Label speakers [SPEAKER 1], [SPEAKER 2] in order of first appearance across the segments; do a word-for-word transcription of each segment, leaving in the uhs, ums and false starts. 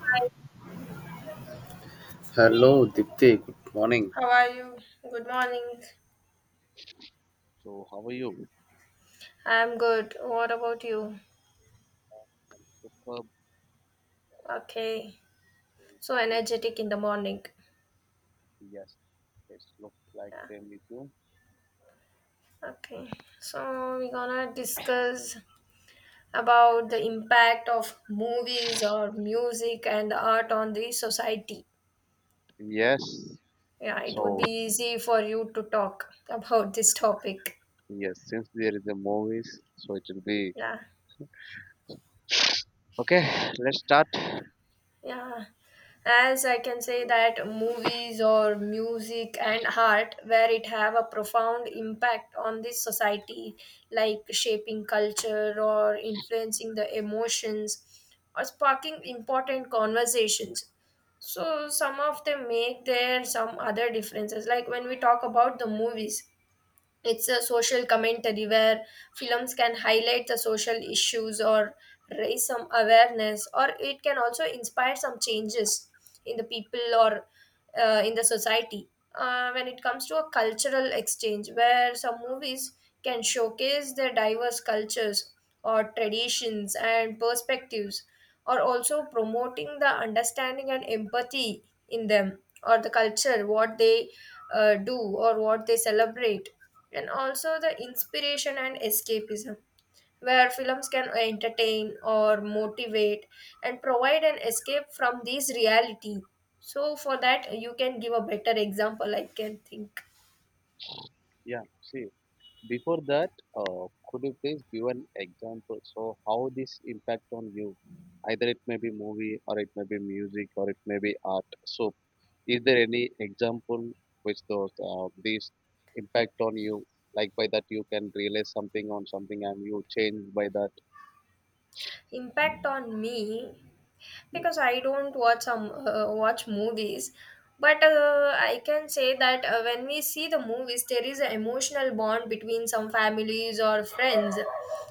[SPEAKER 1] Hi,
[SPEAKER 2] Hello, Dipti. Good morning.
[SPEAKER 1] how are you? Good morning.
[SPEAKER 2] So how are you?
[SPEAKER 1] I'm good. What about you?
[SPEAKER 2] Superb.
[SPEAKER 1] Okay. So energetic in the morning.
[SPEAKER 2] Yes. It looks like
[SPEAKER 1] Yeah.
[SPEAKER 2] I'm with you.
[SPEAKER 1] Okay. So we're gonna discuss about the impact of movies or music and art on the society.
[SPEAKER 2] Yes.
[SPEAKER 1] Yeah, it would
[SPEAKER 2] So
[SPEAKER 1] be easy for you to talk about this topic.
[SPEAKER 2] yes, since there is a movies, so it will be
[SPEAKER 1] Yeah.
[SPEAKER 2] okay. Let's start.
[SPEAKER 1] Yeah, as I can say that movies or music and art where it have a profound impact on this society, like shaping culture or influencing the emotions or sparking important conversations. So some of them make their some other differences. Like when we talk about the movies, it's a social commentary where films can highlight the social issues or raise some awareness, or it can also inspire some changes in the people or uh, in the society. Uh, when it comes to a cultural exchange, where some movies can showcase their diverse cultures or traditions and perspectives, or also promoting the understanding and empathy in them or the culture, what they uh, do or what they celebrate, and also the inspiration and escapism where films can entertain or motivate and provide an escape from this reality. So for that you can give a better example, I can think
[SPEAKER 2] Yeah. See. Before that, uh, could you please give an example? So how this impact on you? Either it may be movie or it may be music or it may be art. So is there any example which those uh, these impact on you? Like by that you can realize something on something and you change by that.
[SPEAKER 1] impact on me, because I don't watch um, uh, watch movies. But uh, I can say that uh, when we see the movies, there is an emotional bond between some families or friends,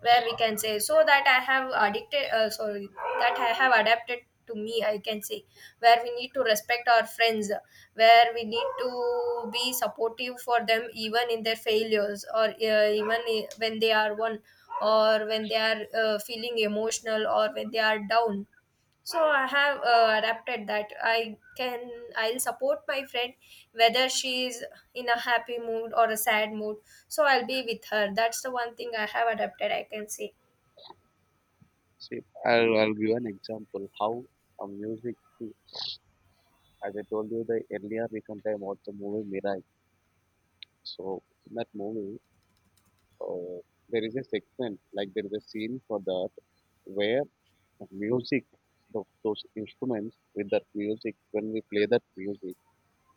[SPEAKER 1] where we can say so that I have addicted. Uh, sorry, that I have adapted to me, I can say, where we need to respect our friends, where we need to be supportive for them even in their failures, or uh, even i- when they are one, or when they are uh, feeling emotional, or when they are down. So I have uh, adapted that, I can, I'll support my friend whether she is in a happy mood or a sad mood. So I'll be with her. That's the one thing I have adapted, I can say.
[SPEAKER 2] See, I'll, I'll give an example how a music, as I told you the earlier recent time watched the movie Mirai. So in that movie, uh, there is a segment like there is a scene for that where the music tho- those instruments with that music when we play that music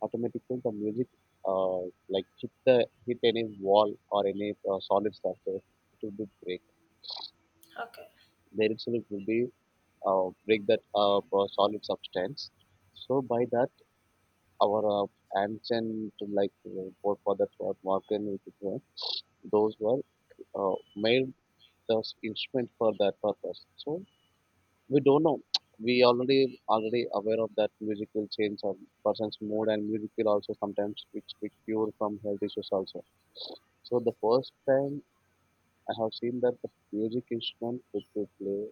[SPEAKER 2] automatically the music uh, like hit the hit any wall or any uh, solid surface it will be break
[SPEAKER 1] Okay.
[SPEAKER 2] there itself will be uh, break that uh, uh, solid substance so by that our uh, ancient like uh, for, for that uh, Morgan which is, uh, those were uh, made those instrument for that purpose. So we don't know. We already already aware of that music will change a person's mood and music will also sometimes which we cure from health issues also. So the first time I have seen that the music instrument which we play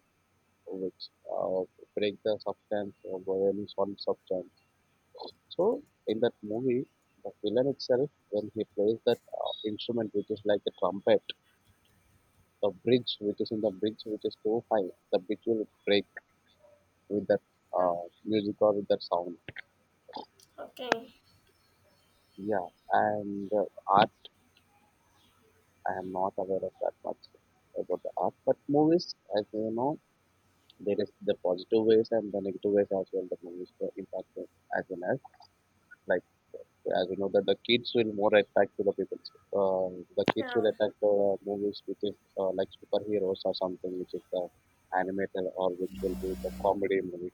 [SPEAKER 2] which uh, break the substance or violin one substance. So in that movie the villain itself when he plays that uh, instrument which is like a trumpet the bridge which is in the bridge which is so high the bridge will break with that
[SPEAKER 1] Okay.
[SPEAKER 2] uh, music or with that sound.
[SPEAKER 1] Okay.
[SPEAKER 2] Yeah, and uh, art, I am not aware of that much about the art, but movies, as you know, there is the positive ways and the negative ways as well. The movies were impacted as well as like as you know that the kids will more attract to the people. Uh, the kids
[SPEAKER 1] Yeah.
[SPEAKER 2] will attract the movies which is uh, like superheroes or something which is the animated or which will be the comedy movie.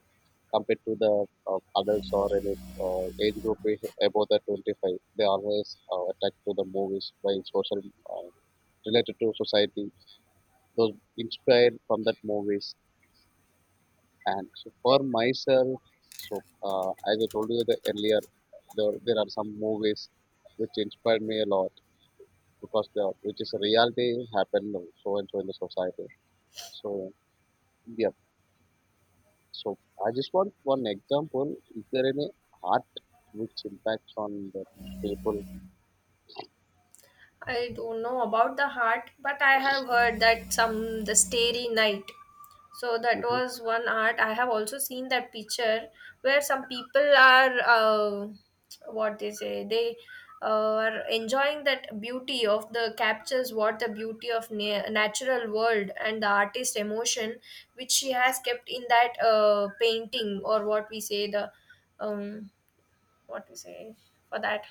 [SPEAKER 2] Compared to the uh, adults or any uh, age group is above the twenty-five they always uh, attack to the movies by social uh, related to society those inspired from that movies and so for myself so uh, as I told you the earlier there, there are some movies which inspired me a lot because the which is a reality happened so and so in the society so yeah. So I just want one example. Is there any art which impacts on the people?
[SPEAKER 1] I don't know about the heart, but I have heard that some the starry night. So that
[SPEAKER 2] Mhm.
[SPEAKER 1] was one art. I have also seen that picture where some people are uh, what they say they uh, are enjoying that beauty of the captures, what the beauty of na- natural world and the artist emotion which she has kept in that uh, painting, or what we say, the um, what we say, for that,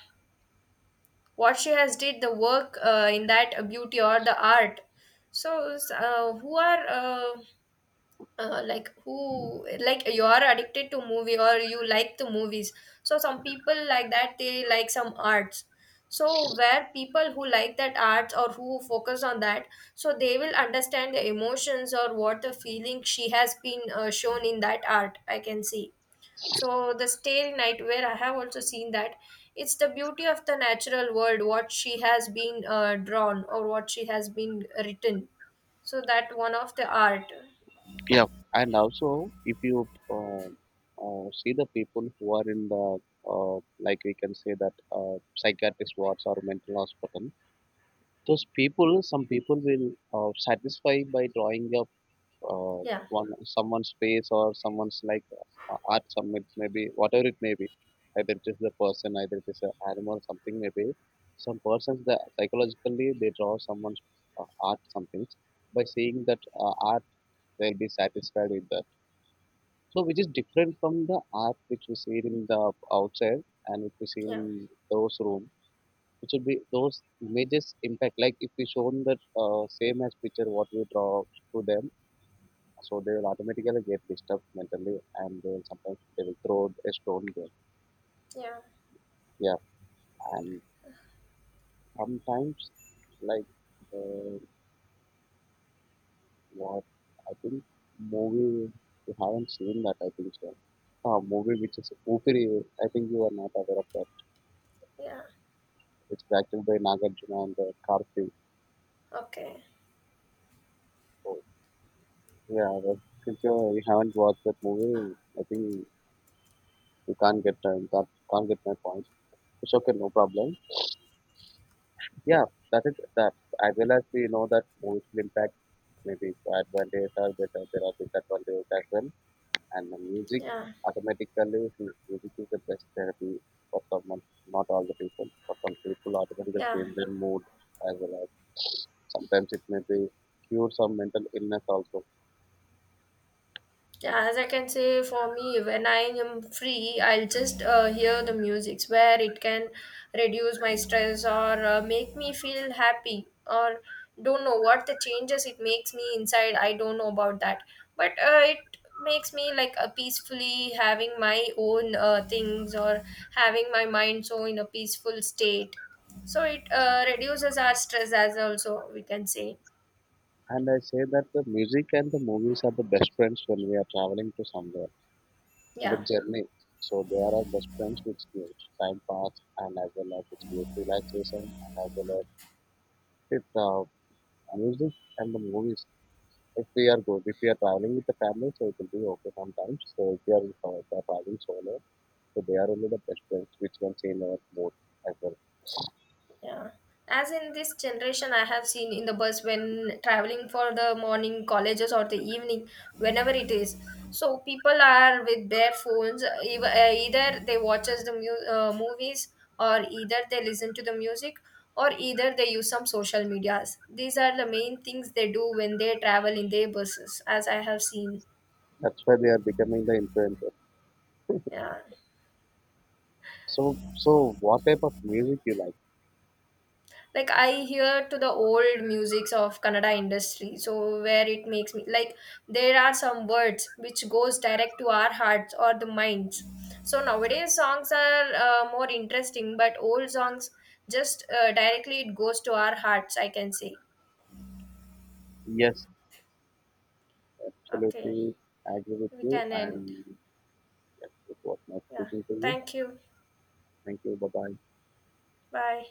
[SPEAKER 1] what she has did the work uh, in that beauty or the art. So uh, who are uh, uh, like who like, you are addicted to movie or you like the movies, so some people like that, they like some arts. So where people who like that arts or who focus on that, so they will understand the emotions or what the feeling she has been uh, shown in that art, I can see. So the starry night, where I have also seen that, it's the beauty of the natural world, what she has been uh, drawn or what she has been written. So that one of the art.
[SPEAKER 2] Yeah, and also if you uh, uh, see the people who are in the uh, like we can say that uh, psychiatrist wards or mental hospital, those people, some people will uh, satisfy by drawing a uh,
[SPEAKER 1] Yeah,
[SPEAKER 2] one someone's face or someone's like uh, art submit maybe whatever it may be either it is the person either it is an animal something maybe some persons that psychologically they draw someone's uh, art something by seeing that uh, art they'll be satisfied with that so which is different from the art which we see in the outside and if we see
[SPEAKER 1] yeah,
[SPEAKER 2] in those room which will be those images impact like if we shown that uh, same as picture what we draw to them so they will automatically get disturbed mentally, and they will sometimes they will throw a stone there.
[SPEAKER 1] yeah,
[SPEAKER 2] Yeah, and sometimes like uh, what I think movie you haven't seen that I think so. A movie which is Upiri, I think you are not aware of that.
[SPEAKER 1] yeah.
[SPEAKER 2] It's directed by Nagarjuna and uh, Karthi.
[SPEAKER 1] Okay.
[SPEAKER 2] So yeah, but since you you haven't watched that movie, I think you can't get uh, you can't, can't get my point. It's okay, no problem. Yeah, that is that. As well as we know that movies will impact maybe advantages are better, there are disadvantages as well. And the music
[SPEAKER 1] Yeah,
[SPEAKER 2] automatically music is the best therapy for someone, not all the people. For some people automatically
[SPEAKER 1] yeah.
[SPEAKER 2] change their mood as well as sometimes it may be cure some mental illness also.
[SPEAKER 1] Yeah, as I can say, for me, when I am free, I'll just uh, hear the music where it can reduce my stress or uh, make me feel happy, or don't know what the changes it makes me inside. I don't know about that, but uh, it makes me like a peacefully having my own uh, things, or having my mind so in a peaceful state. So it uh, reduces our stress as also, we can say.
[SPEAKER 2] And I say that the music and the movies are the best friends when we are traveling to somewhere. The
[SPEAKER 1] Yeah.
[SPEAKER 2] journey. So there are best friends which gives time pass and as well as which gives relaxation and as well as with uh, music and the movies. If we are good, if we are traveling with the family, so it will be okay sometimes. So if we are uh, they are traveling solo, so they are only the best friends which can change our mood as well.
[SPEAKER 1] Yeah. As in this generation, I have seen in the bus when traveling for the morning colleges or the evening, whenever it is. So people are with their phones. uh, ev- uh, Either they watches the mu- uh, movies, or either they listen to the music, or either they use some social medias. These are the main things they do when they travel in their buses, as I have seen.
[SPEAKER 2] That's why they are becoming the influencers.
[SPEAKER 1] Yeah.
[SPEAKER 2] So so what type of music you like?
[SPEAKER 1] Like I hear to the old musics of Kannada industry. So where it makes me like, there are some words which goes direct to our hearts or the minds. So nowadays songs are uh, more interesting, but old songs just uh, directly it goes to our hearts, I can say.
[SPEAKER 2] Yes,
[SPEAKER 1] Okay.
[SPEAKER 2] absolutely I agree with
[SPEAKER 1] We
[SPEAKER 2] you
[SPEAKER 1] can end.
[SPEAKER 2] and yes, it was nice
[SPEAKER 1] Yeah,
[SPEAKER 2] speaking to you.
[SPEAKER 1] thank you.
[SPEAKER 2] Thank you. Bye bye.
[SPEAKER 1] Bye.